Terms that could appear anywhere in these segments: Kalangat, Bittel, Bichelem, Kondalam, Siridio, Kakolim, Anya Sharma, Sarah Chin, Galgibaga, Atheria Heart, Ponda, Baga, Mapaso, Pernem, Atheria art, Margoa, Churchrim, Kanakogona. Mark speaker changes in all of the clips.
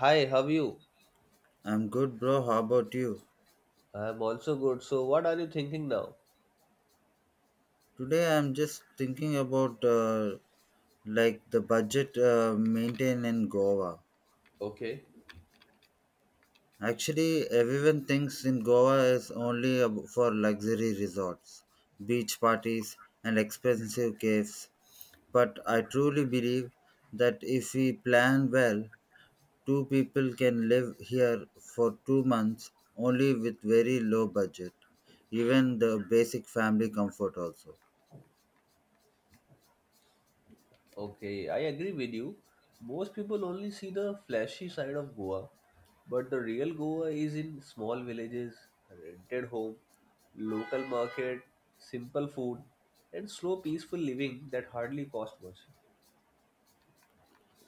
Speaker 1: Hi, how are you?
Speaker 2: I'm good, bro. How about you?
Speaker 1: I'm also good. So, what are you thinking now?
Speaker 2: Today, I'm just thinking about like the budget maintained in Goa.
Speaker 1: Okay.
Speaker 2: Actually, everyone thinks in Goa is only for luxury resorts, beach parties, and expensive caves. But I truly believe that if we plan well, two people can live here for 2 months only with very low budget, even the basic family comfort also.
Speaker 1: Okay, I agree with you. Most people only see the flashy side of Goa, but the real Goa is in small villages, rented home, local market, simple food, and slow, peaceful living that hardly cost much.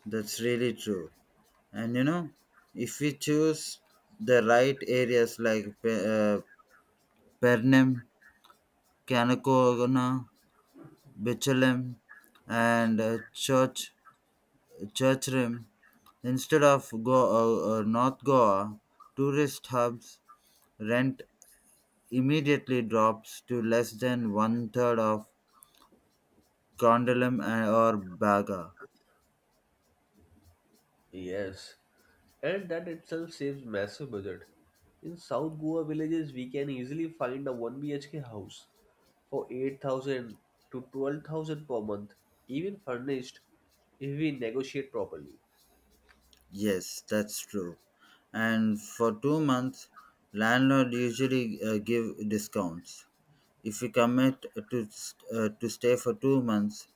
Speaker 2: That's really true. And you know, if we choose the right areas like uh, Pernem, Kanakogona, Bichelem, and Churchrim, instead of North Goa, tourist hubs rent immediately drops to less than one third of Kondalam and or Baga.
Speaker 1: Yes, and that itself saves massive budget. In South Goa villages, we can easily find a 1 BHK house for 8,000 to 12,000 per month, even furnished if we negotiate properly.
Speaker 2: Yes, that's true. And for 2 months, landlord usually give discounts. If we commit to to stay for 2 months,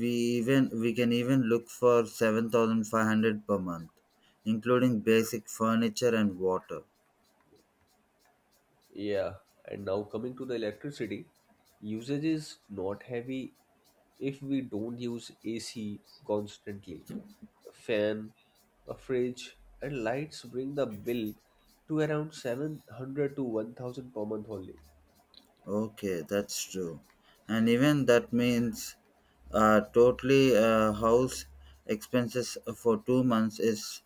Speaker 2: we we can even look for 7,500 per month, including basic furniture and water.
Speaker 1: Yeah, and now coming to the electricity, usage is not heavy if we don't use AC constantly. A fan, a fridge, and lights bring the bill to around 700 to 1000 per month only.
Speaker 2: Okay, that's true. And even that means totally house expenses for 2 months is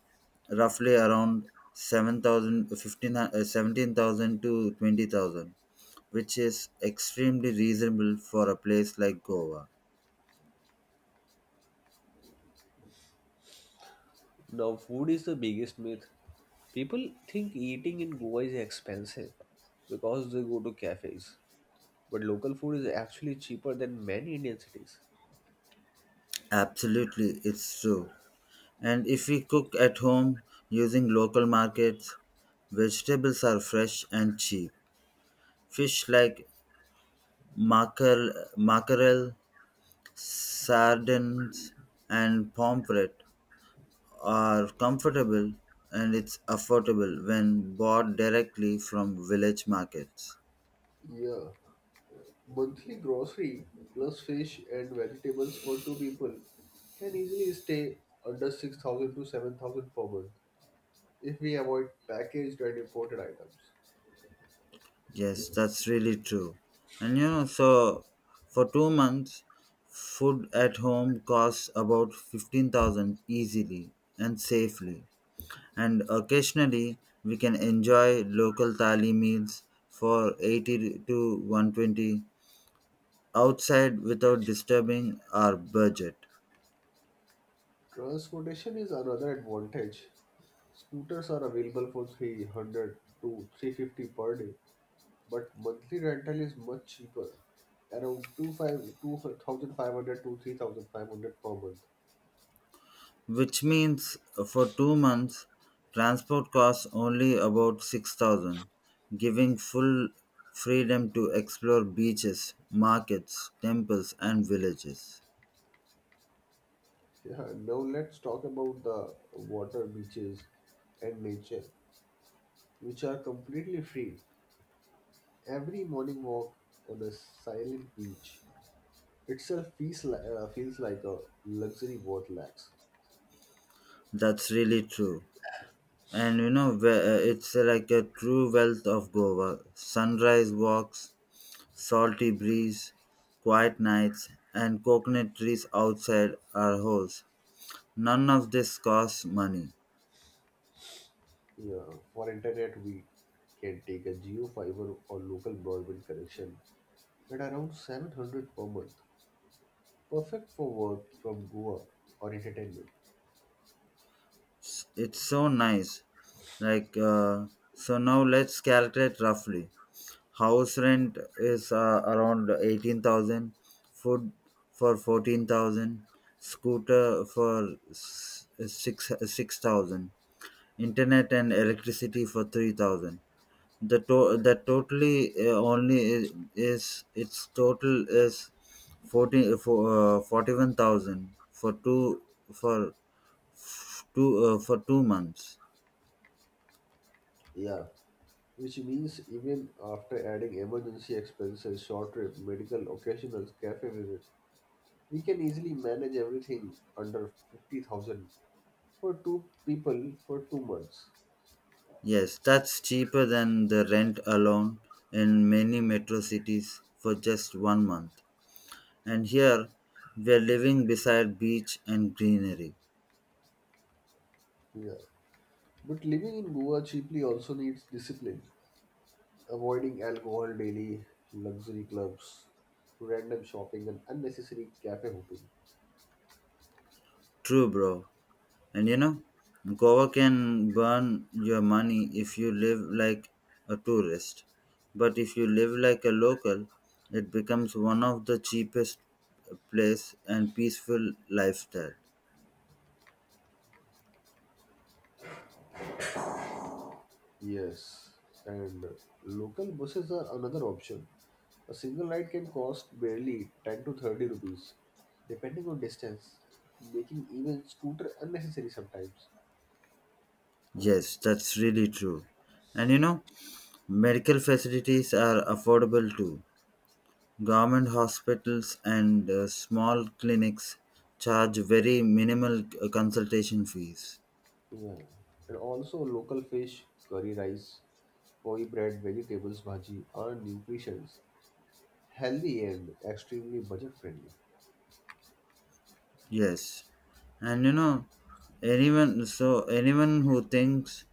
Speaker 2: roughly around 17,000 to 20,000, which is extremely reasonable for a place like Goa.
Speaker 1: Now, food is the biggest myth. People think eating in Goa is expensive because they go to cafes, but local food is actually cheaper than many Indian cities.
Speaker 2: Absolutely, it's true. And if we cook at home using local markets, vegetables are fresh and cheap. Fish like mackerel, mackerel, sardines and pomfret are comfortable and it's affordable when bought directly from village markets.
Speaker 1: Yeah. Monthly grocery plus fish and vegetables for two people can easily stay under 6,000 to 7,000 per month if we avoid packaged and imported items.
Speaker 2: Yes, that's really true. And you know, so for 2 months, food at home costs about 15,000 easily and safely. And occasionally, we can enjoy local thali meals for 80 to 120 outside without disturbing our budget.
Speaker 1: Transportation is another advantage. Scooters are available for 300 to 350 per day, but monthly rental is much cheaper, around 2,500 to 3,500 per month.
Speaker 2: Which means for 2 months transport costs only about 6,000, giving full freedom to explore beaches, markets, temples, and villages.
Speaker 1: Yeah, now let's talk about the water, beaches, and nature, which are completely free. Every morning walk on a silent beach itself feels like a luxury worth lakhs.
Speaker 2: That's really true. And you know, it's like a true wealth of Goa. Sunrise walks, salty breeze, quiet nights, and coconut trees outside our house. None of this costs money.
Speaker 1: Yeah, for internet, we can take a geo fiber or local broadband connection at around 700 per month. Perfect for work from Goa or entertainment.
Speaker 2: It's so nice. Like, so now let's calculate roughly. House rent is around 18,000, food for 14,000, scooter for s- six 6,000, internet and electricity for 3,000. The totally, only is its total is 41,000 for for 2 months.
Speaker 1: Yeah, which means even after adding emergency expenses, short trip, medical, occasionals, cafe visit, we can easily manage everything under 50,000 for two people for 2 months.
Speaker 2: Yes, that's cheaper than the rent alone in many metro cities for just one month. And here, we're living beside beach and greenery.
Speaker 1: Yeah. But living in Goa cheaply also needs discipline, avoiding alcohol daily, luxury clubs, random shopping, and unnecessary cafe hopping.
Speaker 2: True, bro. And you know, Goa can burn your money if you live like a tourist. But if you live like a local, it becomes one of the cheapest place and peaceful lifestyle.
Speaker 1: Yes, and local buses are another option. A single ride can cost barely 10 to 30 rupees, depending on distance, making even scooter unnecessary sometimes.
Speaker 2: Yes, that's really true. And you know, medical facilities are affordable too. Government hospitals and small clinics charge very minimal consultation fees.
Speaker 1: Yeah, and also local fish, curry rice, poi bread, vegetables, bhaji are nutritious, healthy, and extremely budget friendly.
Speaker 2: Yes. And you know, anyone who thinks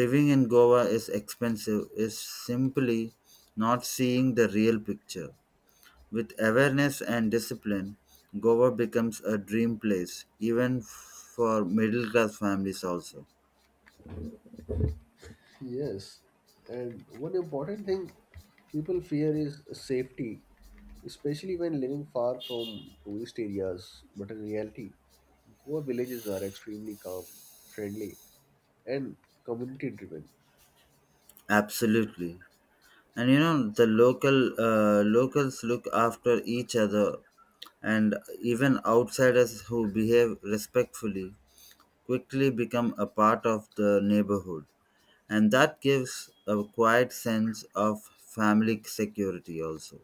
Speaker 2: living in Goa is expensive is simply not seeing the real picture. With awareness and discipline, Goa becomes a dream place even for middle class families also.
Speaker 1: Yes, and one important thing people fear is safety, especially when living far from tourist areas. But in reality, Goa villages are extremely calm, friendly, and community driven.
Speaker 2: Absolutely. And you know, the locals look after each other, and even outsiders who behave respectfully quickly become a part of the neighborhood, and that gives a quiet sense of family security also.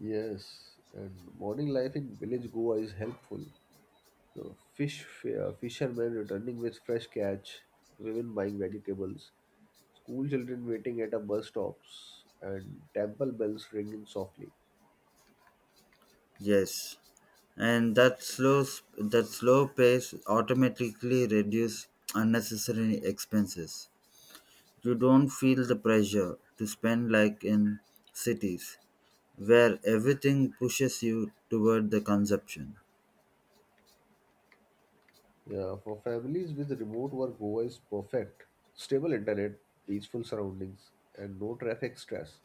Speaker 1: Yes, and morning life in village Goa is helpful. So fishermen returning with fresh catch, women buying vegetables, school children waiting at a bus stops and temple bells ringing softly.
Speaker 2: Yes, and that slow pace automatically reduce unnecessary expenses. You don't feel the pressure to spend like in cities where everything pushes you toward the consumption.
Speaker 1: Yeah, for families with remote work, Goa is perfect. Stable internet, peaceful surroundings, and no traffic stress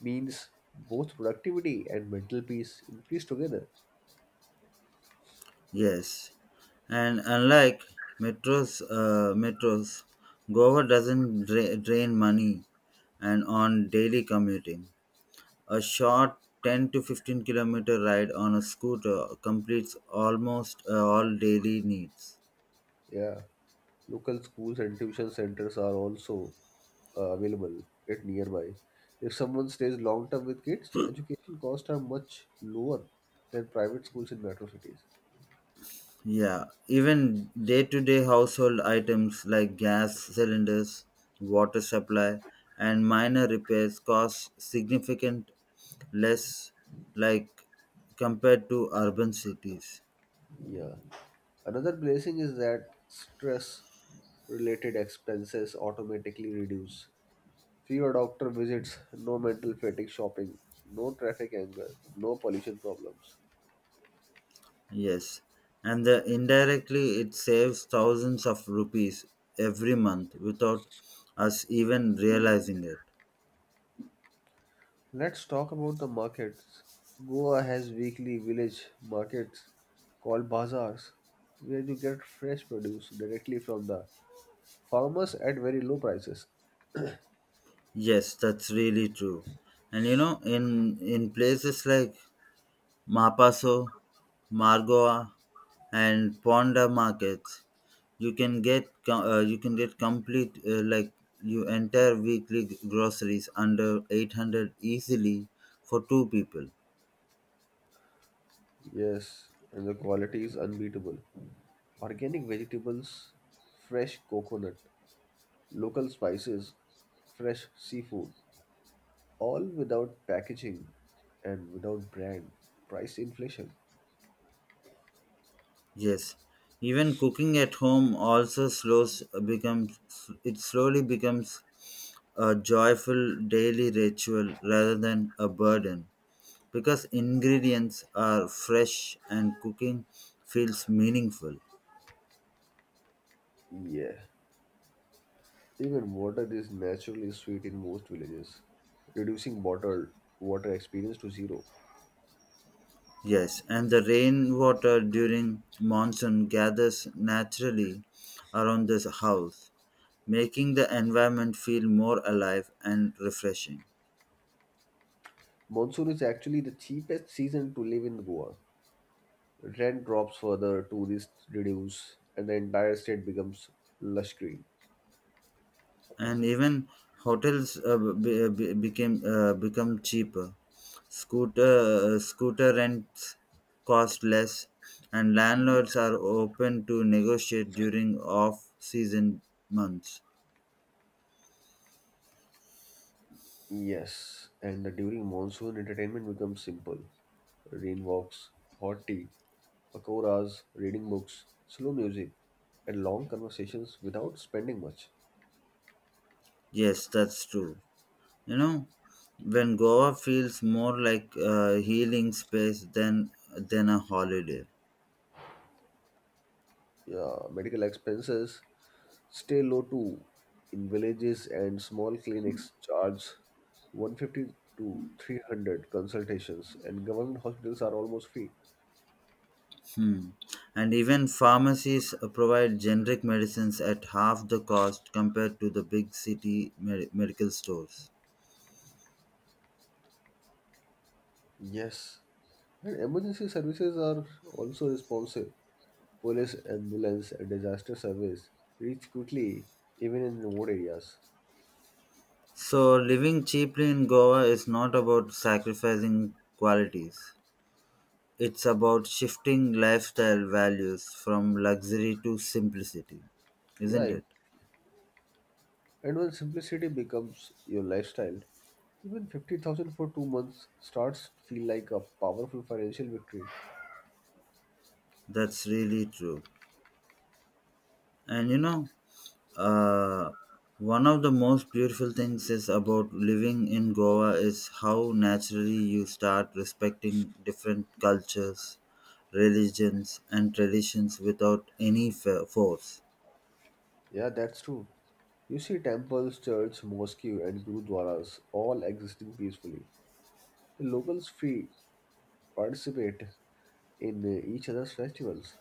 Speaker 1: means both productivity and mental peace increase together.
Speaker 2: Yes, and unlike metros, Goa doesn't drain money and on daily commuting. A short 10 to 15 kilometer ride on a scooter completes almost all daily needs.
Speaker 1: Yeah, local schools and tuition centers are also available at nearby. If someone stays long term with kids, education costs are much lower than private schools in metro cities.
Speaker 2: Yeah, even day to day household items like gas cylinders, water supply, and minor repairs cost significant less like compared to urban cities.
Speaker 1: Yeah. Another blessing is that stress related expenses automatically reduce. Fewer doctor visits, no mental fatigue shopping, no traffic anger, no pollution problems.
Speaker 2: Yes, and the indirectly it saves thousands of rupees every month without us even realizing it.
Speaker 1: Let's talk about the markets. Goa has weekly village markets called bazaars where you get fresh produce directly from the farmers at very low prices.
Speaker 2: Yes, that's really true. And you know, in places like Mapaso, Margoa, and Ponda markets. You can get complete, like, you entire weekly groceries under 800 easily for two people.
Speaker 1: Yes, and the quality is unbeatable. Organic vegetables, fresh coconut, local spices, fresh seafood, all without packaging and without brand. Price inflation.
Speaker 2: Yes, even cooking at home also slows becomes it slowly becomes a joyful daily ritual rather than a burden because ingredients are fresh and cooking feels meaningful.
Speaker 1: Yeah, even water is naturally sweet in most villages, reducing bottled water experience to zero.
Speaker 2: Yes, and the rainwater during monsoon gathers naturally around this house, making the environment feel more alive and refreshing.
Speaker 1: Monsoon is actually the cheapest season to live in Goa. Rent drops further, tourists reduce, and the entire state becomes lush green.
Speaker 2: And even hotels be- became become cheaper. Scooter rents cost less, and landlords are open to negotiate during off season months.
Speaker 1: Yes, and during monsoon, entertainment becomes simple. Rain walks, hot tea, pakoras, reading books, slow music, and long conversations without spending much.
Speaker 2: Yes, that's true. You know, when Goa feels more like a healing space than a holiday.
Speaker 1: Yeah, medical expenses stay low too. In villages and small clinics, charge 150 to 300 consultations, and government hospitals are almost free.
Speaker 2: Hmm. And even pharmacies provide generic medicines at half the cost compared to the big city medical stores.
Speaker 1: Yes, and emergency services are also responsive. Police, ambulance, and disaster service reach quickly even in remote areas.
Speaker 2: So, living cheaply in Goa is not about sacrificing qualities. It's about shifting lifestyle values from luxury to simplicity,
Speaker 1: Yeah,
Speaker 2: isn't it?
Speaker 1: and when simplicity becomes your lifestyle, even 50,000 for 2 months starts to feel like a powerful financial victory.
Speaker 2: That's really true. And you know, uh, one of the most beautiful things is about living in Goa is how naturally you start respecting different cultures, religions, and traditions without any force.
Speaker 1: Yeah, that's true. You see temples, church, mosque, and gurudwaras all existing peacefully. The locals free participate in each other's festivals.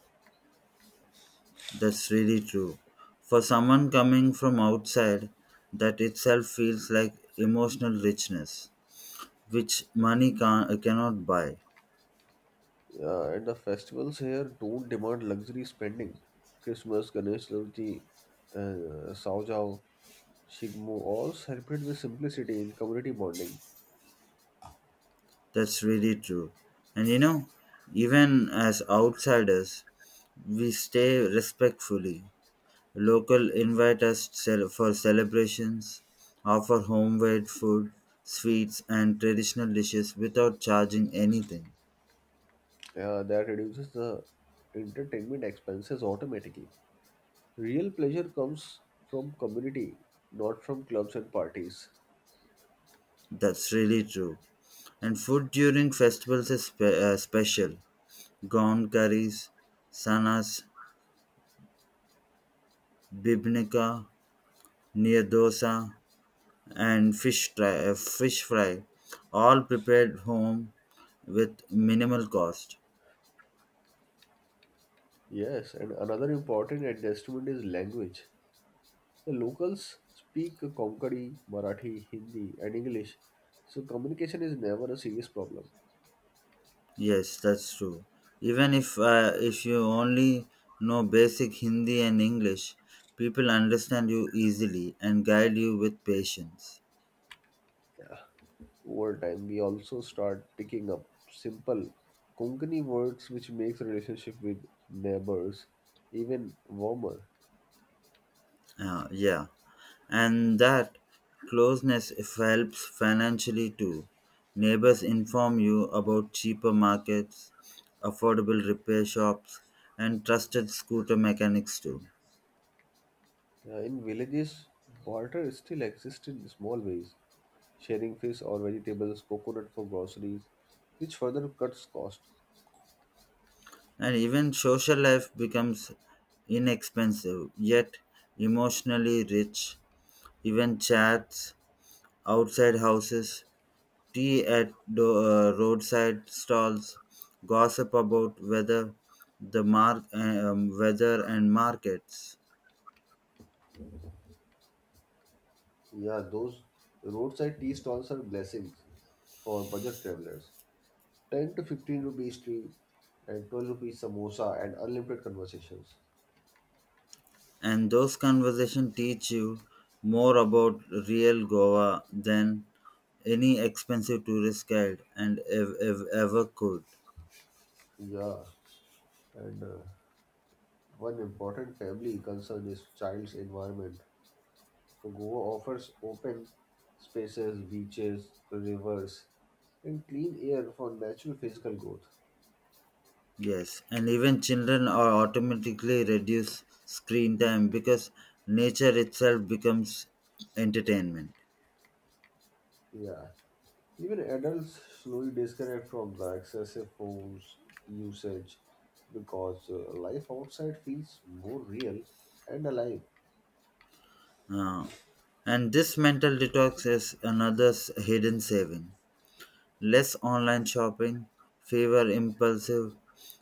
Speaker 2: That's really true. For someone coming from outside, that itself feels like emotional richness, which money cannot buy.
Speaker 1: Yeah, and the festivals here don't demand luxury spending. Christmas, Ganesh Chaturthi, Saujao, Shigmo all celebrate with simplicity and community bonding.
Speaker 2: That's really true. And you know, even as outsiders, we stay respectfully. Local invite us for celebrations, offer homemade food, sweets, and traditional dishes without charging anything.
Speaker 1: Yeah, that reduces the entertainment expenses automatically. Real pleasure comes from community, not from clubs and parties.
Speaker 2: That's really true. And food during festivals is special. Gone curries, sanas, bibnica, near dosa, and fish fry, all prepared home with minimal cost.
Speaker 1: Yes, and another important adjustment is language. The locals speak Konkani, Marathi, Hindi, and English, so communication is never a serious problem.
Speaker 2: Yes, that's true. Even if you only know basic Hindi and English, people understand you easily and guide you with patience.
Speaker 1: Yeah. Over time we also start picking up simple Konkani words which makes relationship with neighbors even warmer.
Speaker 2: Yeah, and that closeness helps financially too. Neighbors inform you about cheaper markets, affordable repair shops, and trusted scooter mechanics too.
Speaker 1: In villages barter still exists in small ways, sharing fish or vegetables coconut for groceries, which further cuts cost.
Speaker 2: And even social life becomes inexpensive, yet emotionally rich. Even chats outside houses, tea at roadside stalls, gossip about weather, weather and markets.
Speaker 1: Yeah, those roadside tea stalls are blessings for budget travelers. 10 to 15 rupees tea and 12 rupees samosa and unlimited conversations.
Speaker 2: And those conversations teach you more about real Goa than any expensive tourist guide and ever could.
Speaker 1: Yeah, and one important family concern is child's environment. So Goa offers open spaces, beaches, rivers, and clean air for natural physical growth.
Speaker 2: Yes, and even children are automatically reduce screen time because nature itself becomes entertainment.
Speaker 1: Yeah. Even adults slowly disconnect from the excessive phones usage because life outside feels more real and alive.
Speaker 2: Uh, and this mental detox is another hidden saving. Less online shopping, fewer impulsive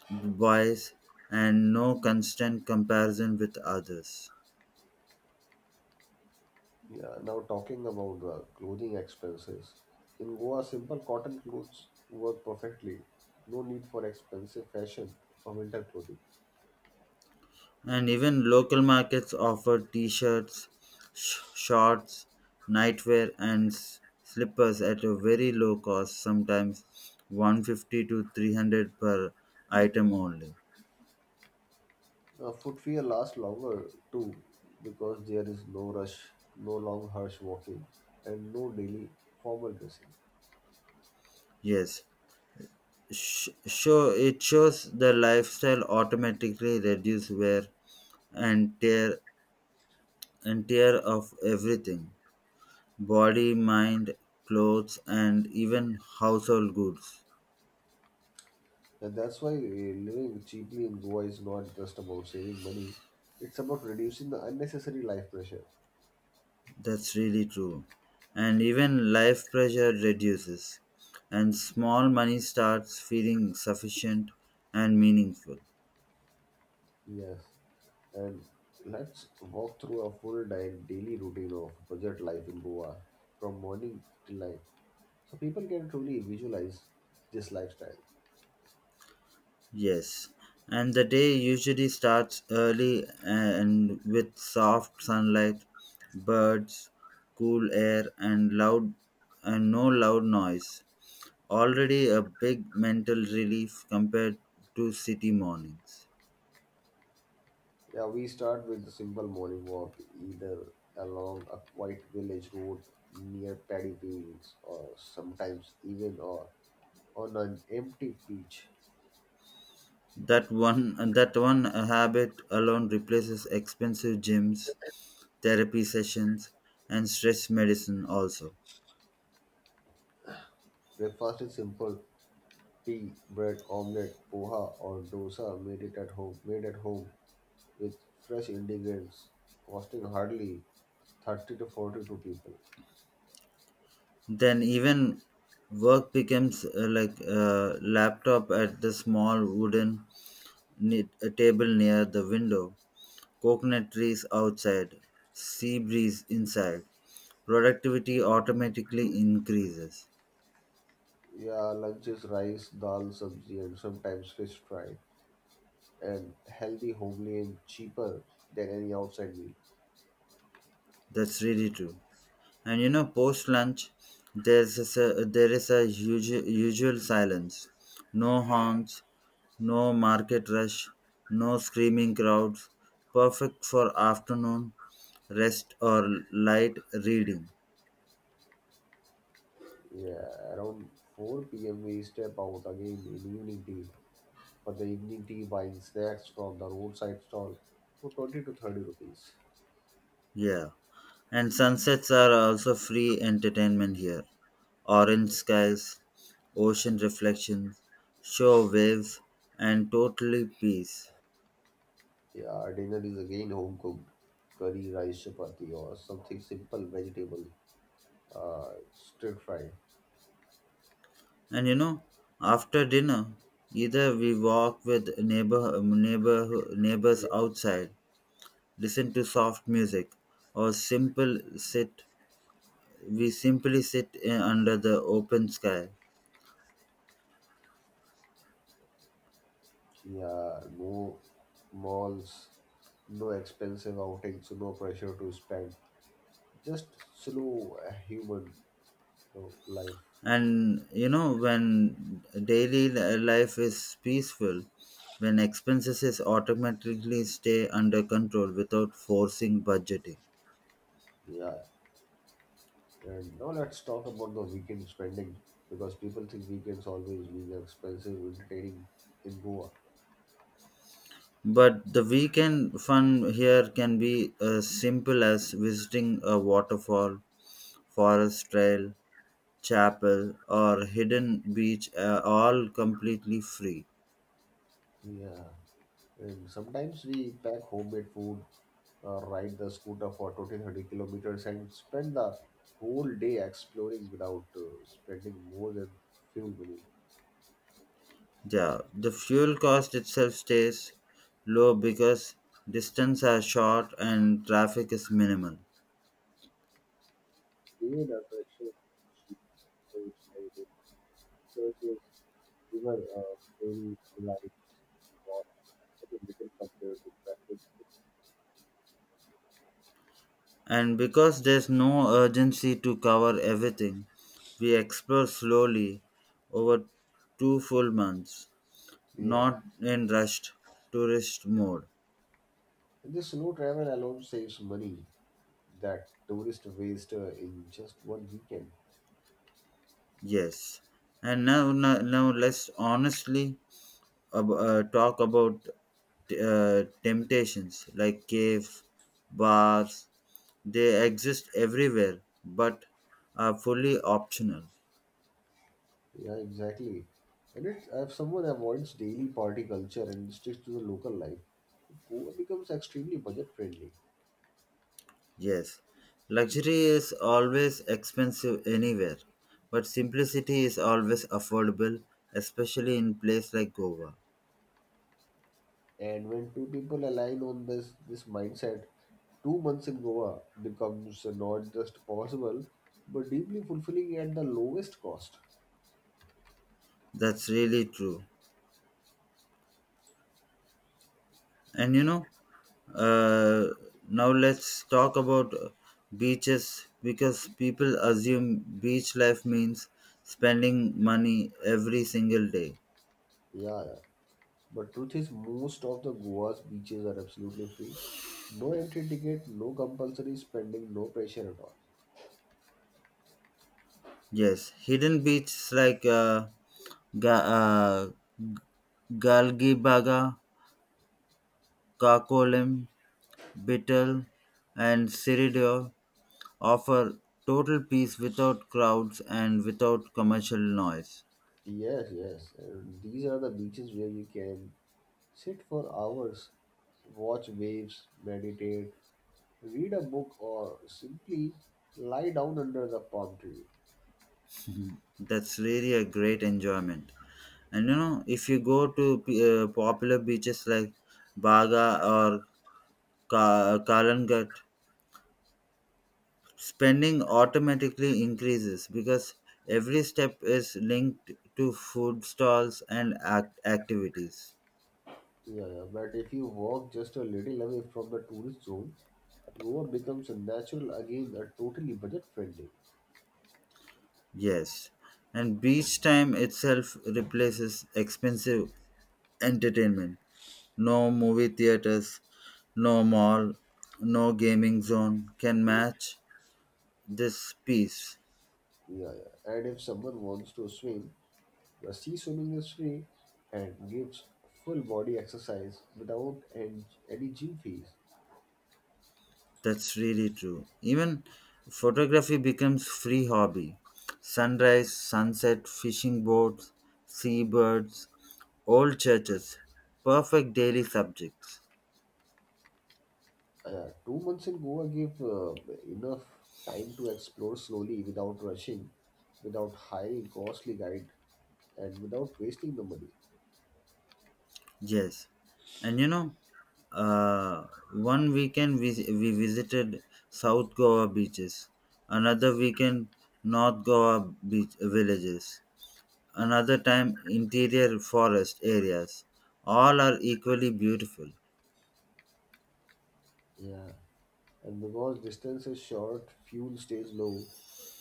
Speaker 2: buys, and no constant comparison with others.
Speaker 1: Yeah, now talking about the clothing expenses. In Goa, simple cotton clothes work perfectly. No need for expensive fashion or winter clothing.
Speaker 2: And even local markets offer t shirts, shorts, nightwear, and slippers at a very low cost, sometimes 150 to 300 per item only.
Speaker 1: Footwear lasts longer too because there is no rush, no long harsh walking, and no daily formal dressing.
Speaker 2: Yes, it shows the lifestyle automatically reduce wear and tear of everything, body, mind, clothes, and even household goods.
Speaker 1: And that's why living cheaply in Goa is not just about saving money, it's about reducing the unnecessary life pressure.
Speaker 2: That's really true. And even life pressure reduces, and small money starts feeling sufficient and meaningful.
Speaker 1: Yes. And let's walk through a full day daily routine of budget life in Goa from morning till night so people can truly visualize this lifestyle.
Speaker 2: Yes, and the day usually starts early and with soft sunlight, birds, cool air, and loud and no loud noise. Already a big mental relief compared to city mornings.
Speaker 1: Yeah, we start with the simple morning walk either along a quiet village road near paddy fields or sometimes even or on an empty beach.
Speaker 2: That one habit alone replaces expensive gyms, therapy sessions, and stress medicine also.
Speaker 1: Breakfast is simple tea, bread, omelette, poha or dosa made at home with fresh ingredients, costing hardly 30 to 40 to people.
Speaker 2: Then even work becomes like a laptop at the small wooden a table near the window, coconut trees outside, sea breeze inside. Productivity automatically increases.
Speaker 1: Yeah, lunch is rice, dal, sabzi, and sometimes fish fry, and healthy, homely, and cheaper than any outside meal.
Speaker 2: That's really true. And you know, post lunch, there is a usual silence. No horns, no market rush, no screaming crowds. Perfect for afternoon rest or light reading.
Speaker 1: Yeah, around 4 p.m. we step out again in evening tea. For the evening tea, buying snacks from the roadside stall for 20 to 30 rupees.
Speaker 2: Yeah. And sunsets are also free entertainment here. Orange skies, ocean reflections, shore waves, and totally peace.
Speaker 1: Yeah, dinner is again home cooked curry, rice, chapati, or something simple, vegetable, stir fry.
Speaker 2: And you know, after dinner, either we walk with neighbors outside, listen to soft music, or simple sit. We simply sit in, under the open sky.
Speaker 1: Yeah, no malls, no expensive outings, so no pressure to spend. Just slow human, life.
Speaker 2: And you know, when daily life is peaceful, when expenses is automatically stay under control without forcing budgeting.
Speaker 1: Yeah. And now let's talk about the weekend spending because people think weekends always mean expensive entertaining in Goa.
Speaker 2: But the weekend fun here can be as simple as visiting a waterfall, forest trail, chapel, or hidden beach are all completely free.
Speaker 1: Yeah. And sometimes we pack homemade food, ride the scooter for 20-30 kilometers and spend the whole day exploring without spending more than fuel money.
Speaker 2: Yeah, the fuel cost itself stays low because distance are short and traffic is minimal.
Speaker 1: Create attractions for sheep, goats, heritage churches, river ferry rides was very little compared to backward tickets.
Speaker 2: And because there's no urgency to cover everything, we explore slowly over 2 full months,
Speaker 1: Yeah,
Speaker 2: not in rushed tourist mode.
Speaker 1: and the slow travel alone saves money that tourists waste in just one weekend.
Speaker 2: Yes. And now let's honestly talk about temptations like cave, bars. They exist everywhere, but are fully optional.
Speaker 1: Yeah, exactly. And if someone avoids daily party culture and sticks to the local life, Goa becomes extremely budget friendly.
Speaker 2: Yes, luxury is always expensive anywhere, but simplicity is always affordable, especially in place like Goa.
Speaker 1: And when two people align on this mindset, 2 months in Goa becomes not just possible, but deeply fulfilling at the lowest cost.
Speaker 2: That's really true. And you know, uh, now let's talk about beaches because people assume beach life means spending money every single day.
Speaker 1: Yeah, yeah. But truth is, most of the Goa's beaches are absolutely free. No entry ticket, no compulsory spending, no pressure at all.
Speaker 2: Yes, hidden beaches like Ga- uh, Galgibaga, Kakolim, Bittel, and Siridio offer total peace without crowds and without commercial noise.
Speaker 1: Yes, yes. And these are the beaches where you can sit for hours, watch waves, meditate, read a book, or simply lie down under the palm tree.
Speaker 2: That's really a great enjoyment. And you know, if you go to popular beaches like Baga or Kalangat, spending automatically increases because every step is linked to food stalls and activities.
Speaker 1: Yeah, yeah, but if you walk just a little away from the tourist zone, Goa becomes a natural again, a totally budget friendly.
Speaker 2: Yes, and beach time itself replaces expensive entertainment. No movie theaters, no mall, no gaming zone can match this peace.
Speaker 1: Yeah, yeah. And if someone wants to swim, the sea swimming is free and gives full body exercise without and any gym fees.
Speaker 2: That's really true. Even photography becomes free hobby. Sunrise, sunset, fishing boats, seabirds, old churches, perfect daily subjects.
Speaker 1: Yeah, 2 months in Goa give enough time to explore slowly without rushing, without hiring costly guide, and without wasting the money.
Speaker 2: Yes, and you know, one weekend we visited South Goa beaches, another weekend North Goa beach villages, another time interior forest areas. All are equally beautiful.
Speaker 1: Yeah. And because distance is short, fuel stays low,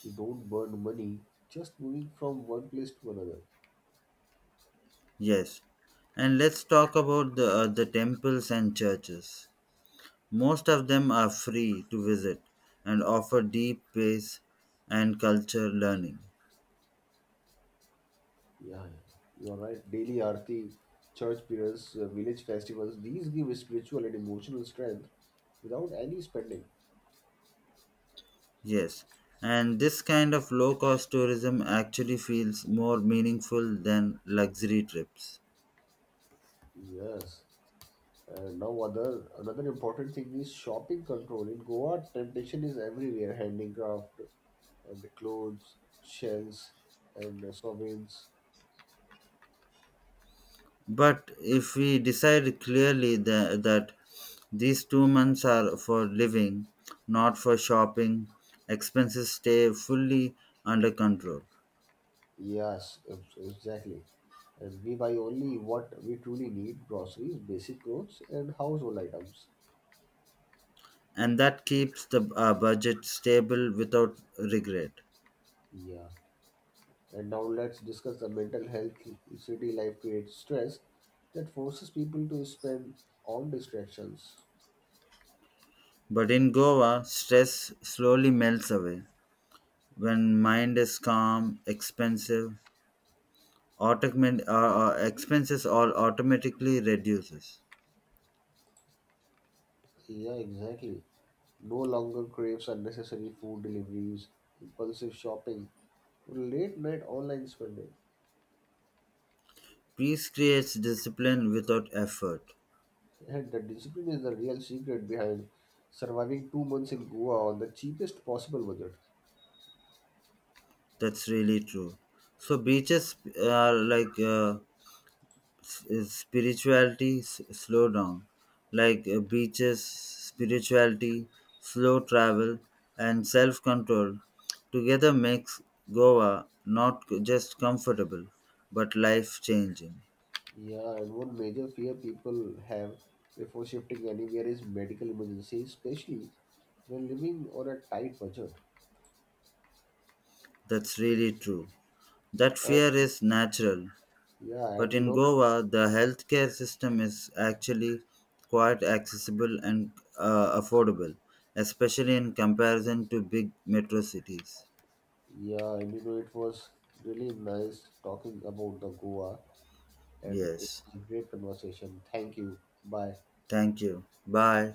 Speaker 1: you don't burn money just moving from one place to another.
Speaker 2: Yes, and let's talk about the temples and churches. Most of them are free to visit and offer deep peace and culture learning.
Speaker 1: Yeah, yeah. You are right, daily arti, church prayers, village festivals, these give spiritual and emotional strength without any spending.
Speaker 2: Yes, and this kind of low cost tourism actually feels more meaningful than luxury trips.
Speaker 1: Yes. And now other another important thing is shopping control. In Goa, temptation is everywhere, handicraft and clothes, shells and sovereigns.
Speaker 2: But if we decide clearly that these 2 months are for living, not for shopping, expenses stay fully under control.
Speaker 1: Yes, exactly. And we buy only what we truly need groceries, basic clothes, and household items.
Speaker 2: And that keeps the budget stable without regret.
Speaker 1: Yeah. And now let's discuss the mental health. City life creates stress that forces people to spend on distractions.
Speaker 2: But in Goa, stress slowly melts away when mind is calm, expensive, automatic expenses all automatically reduces.
Speaker 1: Yeah, exactly. No longer craves unnecessary food deliveries, impulsive shopping, late night online spending.
Speaker 2: Peace creates discipline without effort.
Speaker 1: And the discipline is the real secret behind surviving 2 months in Goa on the cheapest possible budget.
Speaker 2: That's really true. So beaches are like, is spirituality slow down, like, beaches, spirituality, slow travel, and self control together makes Goa not just comfortable but life changing.
Speaker 1: Yeah, and one major fear people have before shifting anywhere is medical emergency, especially when living on a tight budget.
Speaker 2: That's really true. That
Speaker 1: And
Speaker 2: fear is natural,
Speaker 1: yeah,
Speaker 2: but
Speaker 1: and
Speaker 2: in Goa, the healthcare system is actually quite accessible and affordable, especially in comparison to big metro cities.
Speaker 1: yeah, and it was really nice talking about the Goa, and it
Speaker 2: Yes.
Speaker 1: was a great conversation. Thank you. Bye.
Speaker 2: Thank you. Bye.